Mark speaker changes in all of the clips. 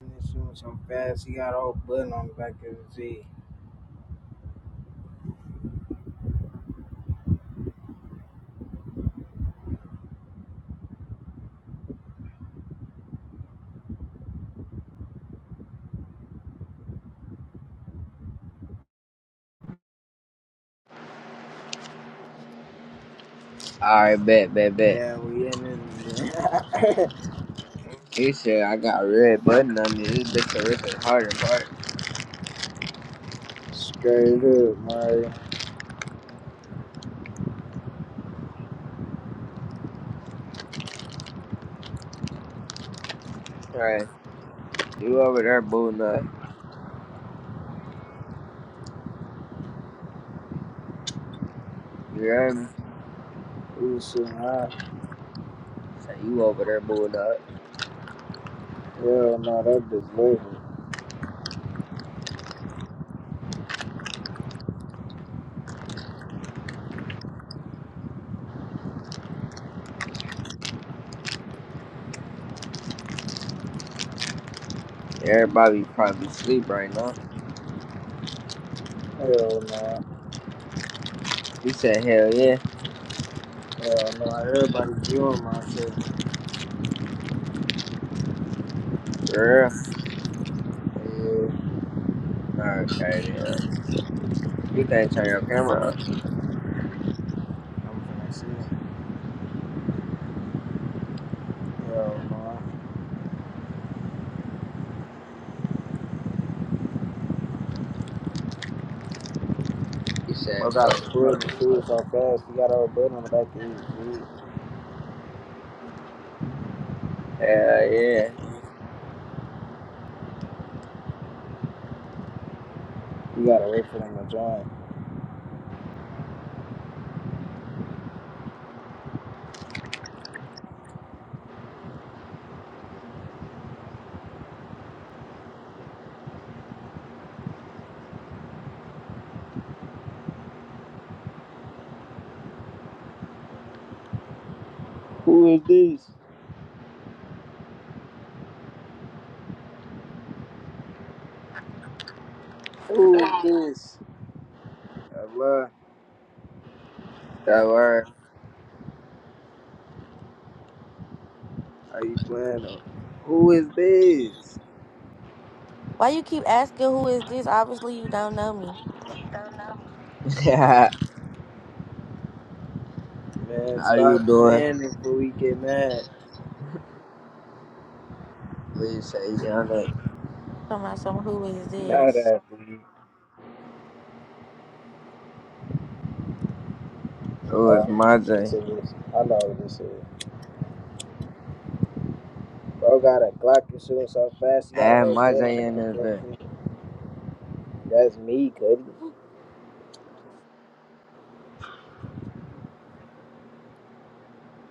Speaker 1: This shit was so fast. He got all whole button on the back of his Z.
Speaker 2: Alright, bet, bet, bet.
Speaker 1: Man, we in this man.
Speaker 2: He said I got a red button on me. This bitch can rip it hard and hard.
Speaker 1: Straight up, man.
Speaker 2: Alright, you over there booing up. You hear me?
Speaker 1: We was shooting high.
Speaker 2: Say you over there booing up.
Speaker 1: Hell no, that bitch living.
Speaker 2: Everybody probably sleep right now.
Speaker 1: Hell no.
Speaker 2: He said, hell yeah.
Speaker 1: Hell no. Everybody viewing my shit.
Speaker 2: For
Speaker 1: Yeah,
Speaker 2: real? Okay, then. You can't turn your camera on.
Speaker 1: I'm finna see him. Hell no.
Speaker 2: He
Speaker 1: Bro
Speaker 2: said,
Speaker 1: got a
Speaker 2: fucking
Speaker 1: button. This
Speaker 2: fucking.
Speaker 1: shit so fast. He got all whole button on the back of his Z.
Speaker 2: Hell yeah.
Speaker 1: We gotta wait for them to join. Who is this? Who is this? Allah.
Speaker 2: That word.
Speaker 1: How you playing though? Who is this?
Speaker 3: Why you keep asking who is this? Obviously you don't know me.
Speaker 2: How
Speaker 1: Man,
Speaker 2: you
Speaker 1: stop
Speaker 2: doing?
Speaker 1: planning before we get mad.
Speaker 2: We say, young nigga.
Speaker 3: Talking about some who is
Speaker 1: Not
Speaker 3: this?
Speaker 1: that, please.
Speaker 2: Oh, it's
Speaker 1: Oh, I know
Speaker 2: my
Speaker 1: what this
Speaker 2: J.
Speaker 1: is. I know what this is. Bro got a Glock and shooting so fast, he
Speaker 2: I
Speaker 1: got a
Speaker 2: had
Speaker 1: whole
Speaker 2: my
Speaker 1: bullet on the
Speaker 2: in
Speaker 1: back of
Speaker 2: this bitch.
Speaker 1: his head. That's me, Cuddy.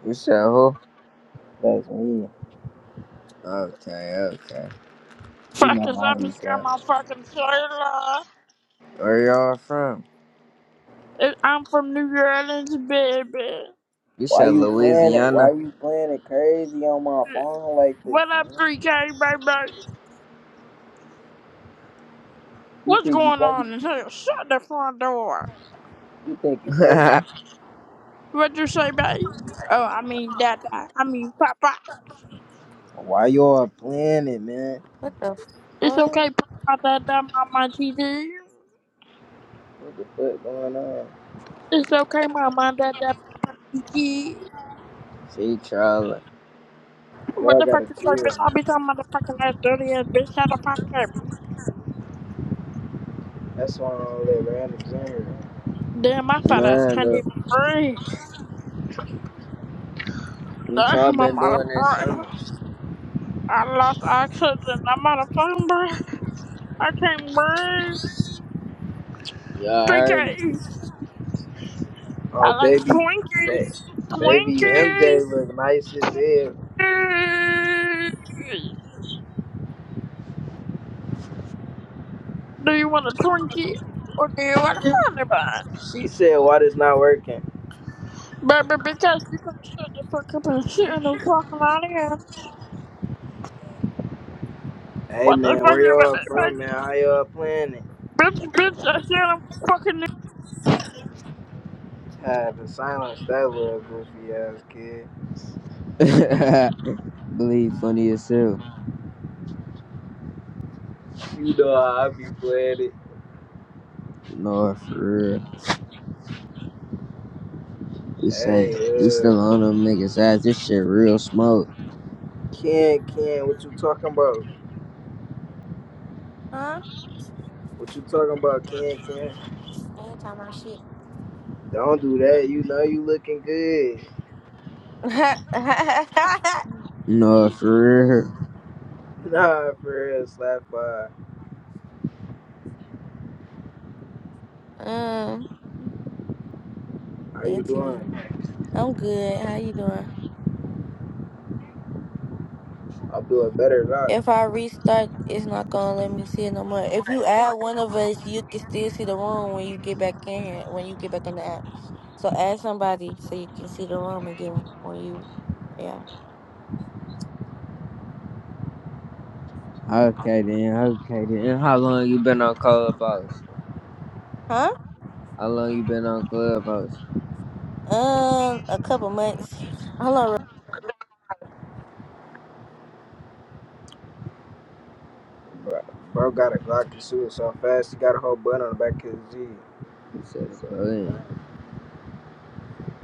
Speaker 2: You said who?
Speaker 1: That's me.
Speaker 2: Okay, okay.
Speaker 1: You
Speaker 4: Fuck
Speaker 1: know
Speaker 4: is
Speaker 1: how I
Speaker 4: up,
Speaker 1: be
Speaker 4: it's
Speaker 1: playing.
Speaker 4: Grandma fucking Shayla.
Speaker 2: Where y'all from?
Speaker 4: It- I'm from New Orleans, baby.
Speaker 2: You
Speaker 1: Why
Speaker 2: said
Speaker 1: you playing it? Why
Speaker 2: Louisiana?
Speaker 1: you playing it crazy on my phone like this,
Speaker 4: What up,
Speaker 1: man?
Speaker 4: 3K, baby?
Speaker 1: You
Speaker 4: What's
Speaker 1: think you
Speaker 4: going
Speaker 1: funny?
Speaker 4: on in here? Shut the front door.
Speaker 1: You think you funny?
Speaker 4: What'd you say, babe? Oh, I mean, Dada. I mean, Papa.
Speaker 1: Why y'all playing it, man?
Speaker 3: What the
Speaker 4: It's
Speaker 3: fuck?
Speaker 4: okay, Papa, Dada, Mama, TD.
Speaker 1: What the fuck going on?
Speaker 4: It's okay, Mama, Dada, TD.
Speaker 2: she trolling.
Speaker 4: What
Speaker 1: Y'all
Speaker 4: the fuck
Speaker 1: gotta
Speaker 4: you say,
Speaker 1: chill,
Speaker 4: bitch? I'll
Speaker 1: man.
Speaker 4: be talking motherfucking ass dirty ass bitch. How the fuck, baby?
Speaker 1: That's why I don't let randoms in here.
Speaker 4: Damn, my fat ass
Speaker 2: Man,
Speaker 4: can't
Speaker 2: though,
Speaker 4: even breathe.
Speaker 2: what y'all
Speaker 4: Damn,
Speaker 2: been
Speaker 4: I'm out of
Speaker 2: doing this
Speaker 4: breath.
Speaker 2: summer?
Speaker 4: I lost oxygen. I'm out of phone, bro. I can't breathe.
Speaker 2: Y'all heard
Speaker 4: 3K. I
Speaker 1: Oh,
Speaker 4: like
Speaker 1: baby, ba-
Speaker 4: Twinkies.
Speaker 1: baby
Speaker 4: Twinkies.
Speaker 1: MJ was nice as hell.
Speaker 4: Do you want a Twinkie or do you want a honey bun?
Speaker 1: She said, "Why this not working?"
Speaker 4: Baby, because you can shut the fuck up and sit in the fucking audience.
Speaker 1: Hey
Speaker 4: What the
Speaker 1: man,
Speaker 4: fuck
Speaker 1: where
Speaker 4: you want
Speaker 1: y'all
Speaker 4: to
Speaker 1: from, man?
Speaker 4: fucking
Speaker 1: How y'all playing it?
Speaker 4: Bitch, bitch, I said I'm from fucking
Speaker 1: Having silence that little goofy ass kid.
Speaker 2: me. Believe funny as hell.
Speaker 1: You know how I be playing it.
Speaker 2: No, for real. You saying you
Speaker 1: Hey, uh,
Speaker 2: still on them niggas ass? This shit real smoke.
Speaker 1: Ken, Ken, what you talking about?
Speaker 3: Huh?
Speaker 1: What you talking about, Ken, Ken?
Speaker 3: I ain't talking about shit.
Speaker 1: Don't do that. You know you looking good.
Speaker 2: No, for real.
Speaker 1: Nah, for real, slap by.
Speaker 3: um,
Speaker 1: How you
Speaker 3: thank you.
Speaker 1: doing?
Speaker 3: I'm good. How you doing?
Speaker 1: I'm doing better, than I.
Speaker 3: If I restart, it's not gonna let me see it no more. If you add one of us, you can still see the room when you get back in here. When you get back on the app, so add somebody so you can see the room again when you, yeah,
Speaker 2: Okay then, okay then. How long you been on Clubhouse?
Speaker 3: huh?
Speaker 2: How long you been on Clubhouse?
Speaker 3: Um, a couple months. Hello,
Speaker 1: Bro, bro got a Glock and shoot so fast. He got a whole button on the back of his
Speaker 2: He said, bro,
Speaker 1: i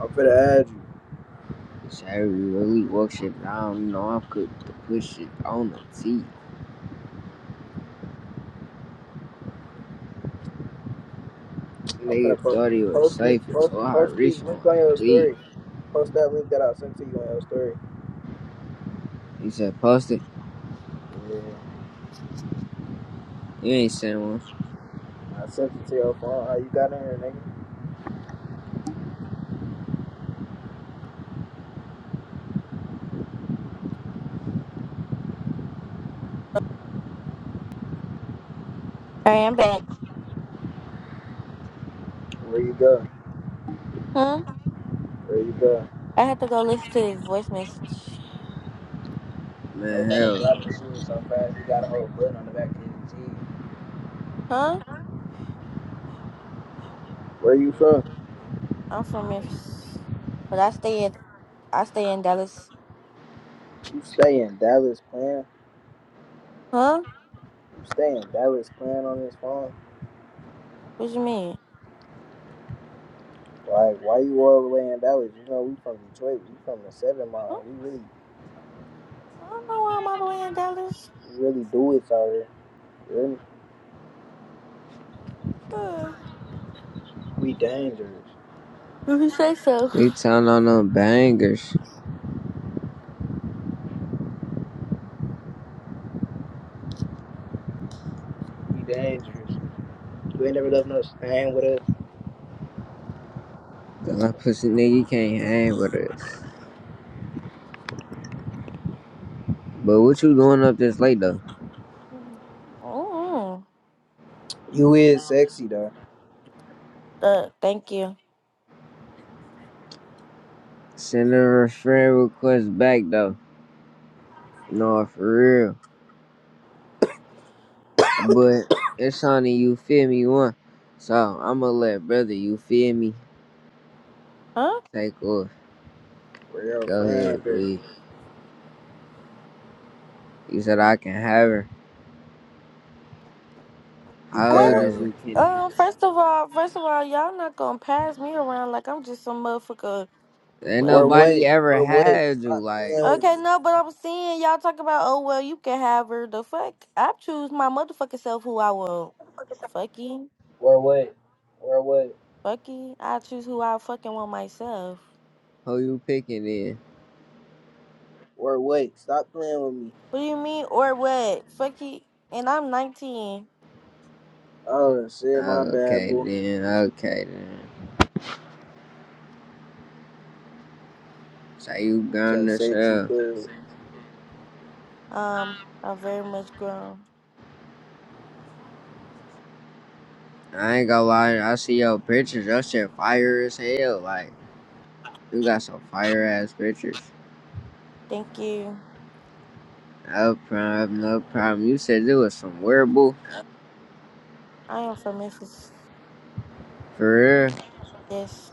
Speaker 1: I'm finna add you.
Speaker 2: he said, we really woke shit down. You know, I'm cooked to push it on the T.
Speaker 1: I'm
Speaker 2: Nigga
Speaker 1: finna po-
Speaker 2: thought he was
Speaker 1: post it.
Speaker 2: safe
Speaker 1: Post
Speaker 2: until I
Speaker 1: post this
Speaker 2: reached on
Speaker 1: link on your
Speaker 2: my lead.
Speaker 1: story. Post that link that I sent to you on your story.
Speaker 2: He said, post it.
Speaker 1: Yeah,
Speaker 2: You ain't sent one.
Speaker 1: I sent it to your phone. How you got in here, nigga?
Speaker 3: All right, I'm back.
Speaker 1: Where you go?
Speaker 3: Huh?
Speaker 1: Where you go?
Speaker 3: I had to go listen to his voice message.
Speaker 1: Bro
Speaker 2: Man,
Speaker 1: got a
Speaker 2: hell
Speaker 1: Glock
Speaker 2: no.
Speaker 1: and shoot so fast. He got a whole button on the back of his G.
Speaker 3: Huh?
Speaker 1: Where you from?
Speaker 3: I'm from Memphis, but I stay at I stay in Dallas.
Speaker 1: You stay in Dallas, playing.
Speaker 3: Huh?
Speaker 1: You stay in Dallas, playing on this phone.
Speaker 3: What you mean?
Speaker 1: Like, why you all the way in Dallas? You know, we from Detroit. We from the Seven
Speaker 3: Oh,
Speaker 1: Mile. We really,
Speaker 3: I don't know why I'm all the way in Dallas.
Speaker 1: we really do it out here. You
Speaker 3: Uh,
Speaker 1: We dangerous.
Speaker 3: if you say so.
Speaker 2: He telling on them bangers.
Speaker 1: We dangerous. You ain't never left no stand with us.
Speaker 2: that pussy nigga can't hang with us. But what you doing up this late though?
Speaker 3: mm
Speaker 1: You is sexy though.
Speaker 3: Uh, thank you.
Speaker 2: Send a friend request back though. No, for real. But it's only you feel me one. So I'ma let brother you feel me
Speaker 3: Huh?
Speaker 2: take off.
Speaker 1: We're your
Speaker 2: Go
Speaker 1: friend.
Speaker 2: ahead,
Speaker 1: but
Speaker 2: please. You said I can have her.
Speaker 1: You
Speaker 2: How
Speaker 1: can
Speaker 3: Wait.
Speaker 2: old
Speaker 1: have
Speaker 2: is
Speaker 1: her.
Speaker 2: you, Kenny?
Speaker 3: Um. First of all, first of all, y'all not gonna pass me around like I'm just some motherfucker.
Speaker 2: Ain't
Speaker 1: We're
Speaker 3: What?
Speaker 1: what?
Speaker 2: nobody ever
Speaker 1: We're what?
Speaker 2: had you.
Speaker 1: Stop
Speaker 2: Like,
Speaker 1: playing with me.
Speaker 3: Okay, no, but I'm seeing y'all talk about, oh, well, you can have her. The fuck? I choose my motherfucking self who I will. fucky,
Speaker 1: We're what? We're what?
Speaker 3: fucky. I choose who I fucking want myself.
Speaker 2: who you picking then?
Speaker 1: We're what? Stop playing with me.
Speaker 3: What do you mean, or what? Fucky, And I'm 19.
Speaker 1: Oh shit, my bad,
Speaker 2: Okay
Speaker 1: boy.
Speaker 2: then, okay then. So you gone
Speaker 1: So
Speaker 2: to
Speaker 1: sexy,
Speaker 2: sell.
Speaker 1: but
Speaker 3: Um, I'm very much grown.
Speaker 2: I ain't gonna lie, I see your pictures. Your shit fire as hell. Like, you got some fire ass pictures.
Speaker 3: Thank you.
Speaker 2: No problem, no problem. You said it was some wearable.
Speaker 3: I am from Memphis.
Speaker 2: For real?
Speaker 3: Yes.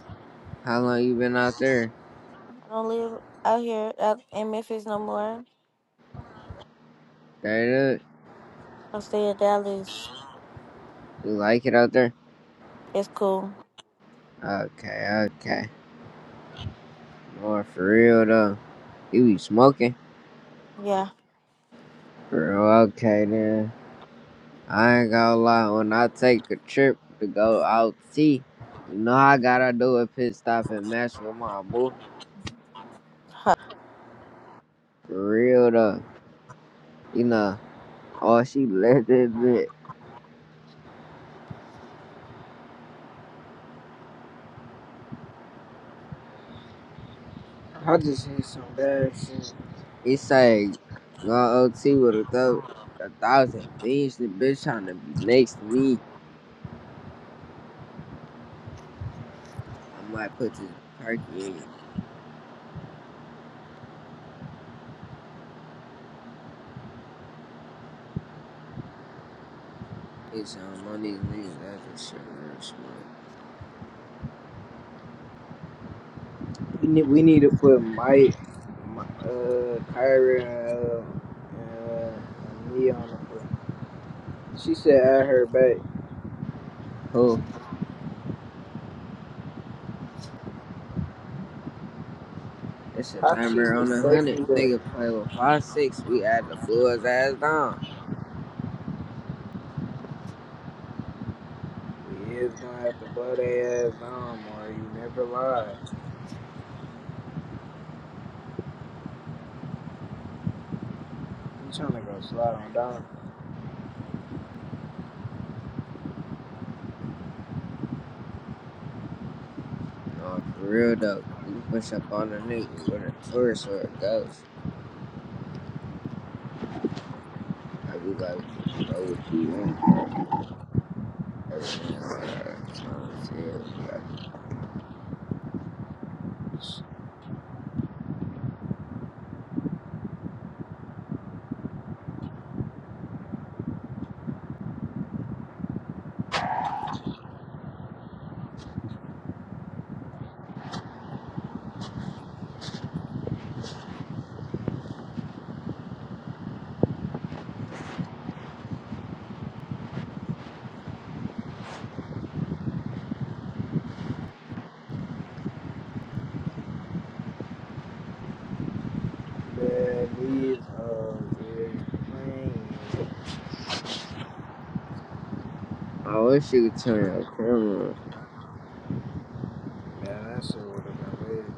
Speaker 2: How long you been out there?
Speaker 3: I don't live out here out in Memphis no more.
Speaker 2: Straight up.
Speaker 3: I stay in Dallas.
Speaker 2: You like it out there?
Speaker 3: It's cool.
Speaker 2: Okay, okay. More for real though. You be smoking?
Speaker 3: Yeah.
Speaker 2: For real, okay then. I ain't gonna lie, when I take a trip to go out see, you know I gotta do a pit stop and match with my boo. For real though. You know, oh she left that bit.
Speaker 1: I just need some bad shit.
Speaker 2: He say go OT with a, thou a thousand beans, the bitch trying to be next to me. I might put this perky in your bitch on one of these niggas. That just shit real smart.
Speaker 1: We need, we need to put Mike, Mi- uh, Kyra, uh, and me on the plane. She said at her back.
Speaker 2: Who? It's a
Speaker 1: How she
Speaker 2: number
Speaker 1: was
Speaker 2: on a hundred.
Speaker 1: safely there?
Speaker 2: Nigga play with five six. We had to blow his ass down.
Speaker 1: We is gonna have to blow their ass down, or you never lie. You trying to go slide on down.
Speaker 2: No, for real though, you push up on a nigga with a tourist or a ghost. I be like, bro, what you want? Like, like, like,
Speaker 1: The needs of is playing.
Speaker 2: I wish you could turn your camera. on.
Speaker 1: Man, that shit would have been weird.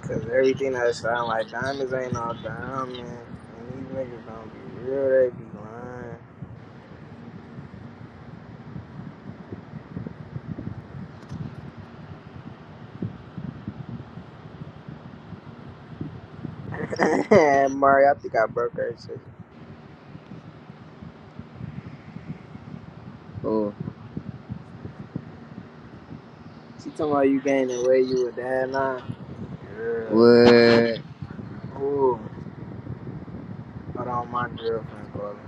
Speaker 1: Cause everything that sound like diamonds ain't all diamonds. And these niggas don't be real, they be lying. Mari, I think I broke her shit.
Speaker 2: Oh,
Speaker 1: She talking about you gaining weight, you a dad nine. Yeah.
Speaker 2: what?
Speaker 1: Ooh. Hold on, my girlfriend calling.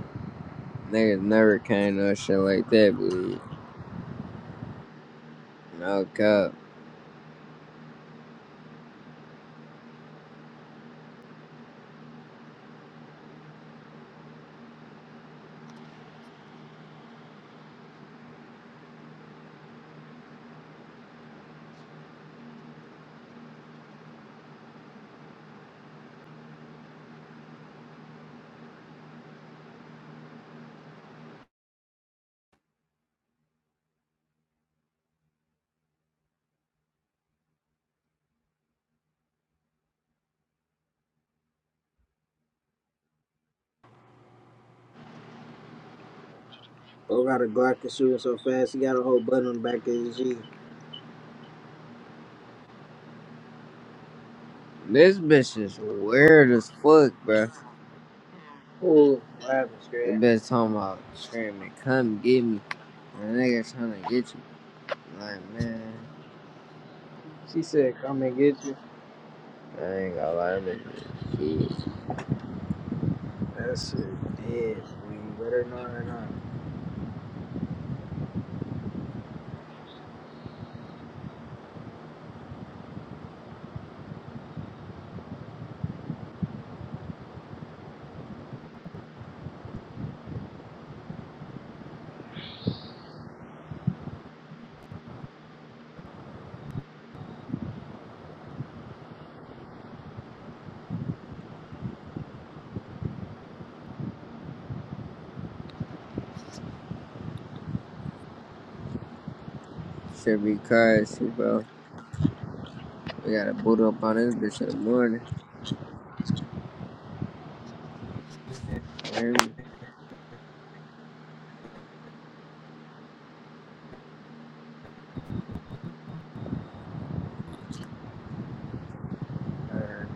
Speaker 2: Niggas never came on shit like that, believe. No cap.
Speaker 1: Bro got a Glock and shooting so fast, he got a whole button on the back of his G.
Speaker 2: This bitch is weird as fuck, bro.
Speaker 1: Ooh, what happened,
Speaker 2: The
Speaker 1: Scrat?
Speaker 2: bitch talking about screaming, come get me. And the nigga trying to get you. Like, man,
Speaker 1: She said, come and get you.
Speaker 2: I ain't gonna lie, that bitch is a kid.
Speaker 1: That shit dead. Will you let her know or
Speaker 2: Should be cuz, bro. We gotta boot up on this bitch in the morning. You
Speaker 1: not? Let her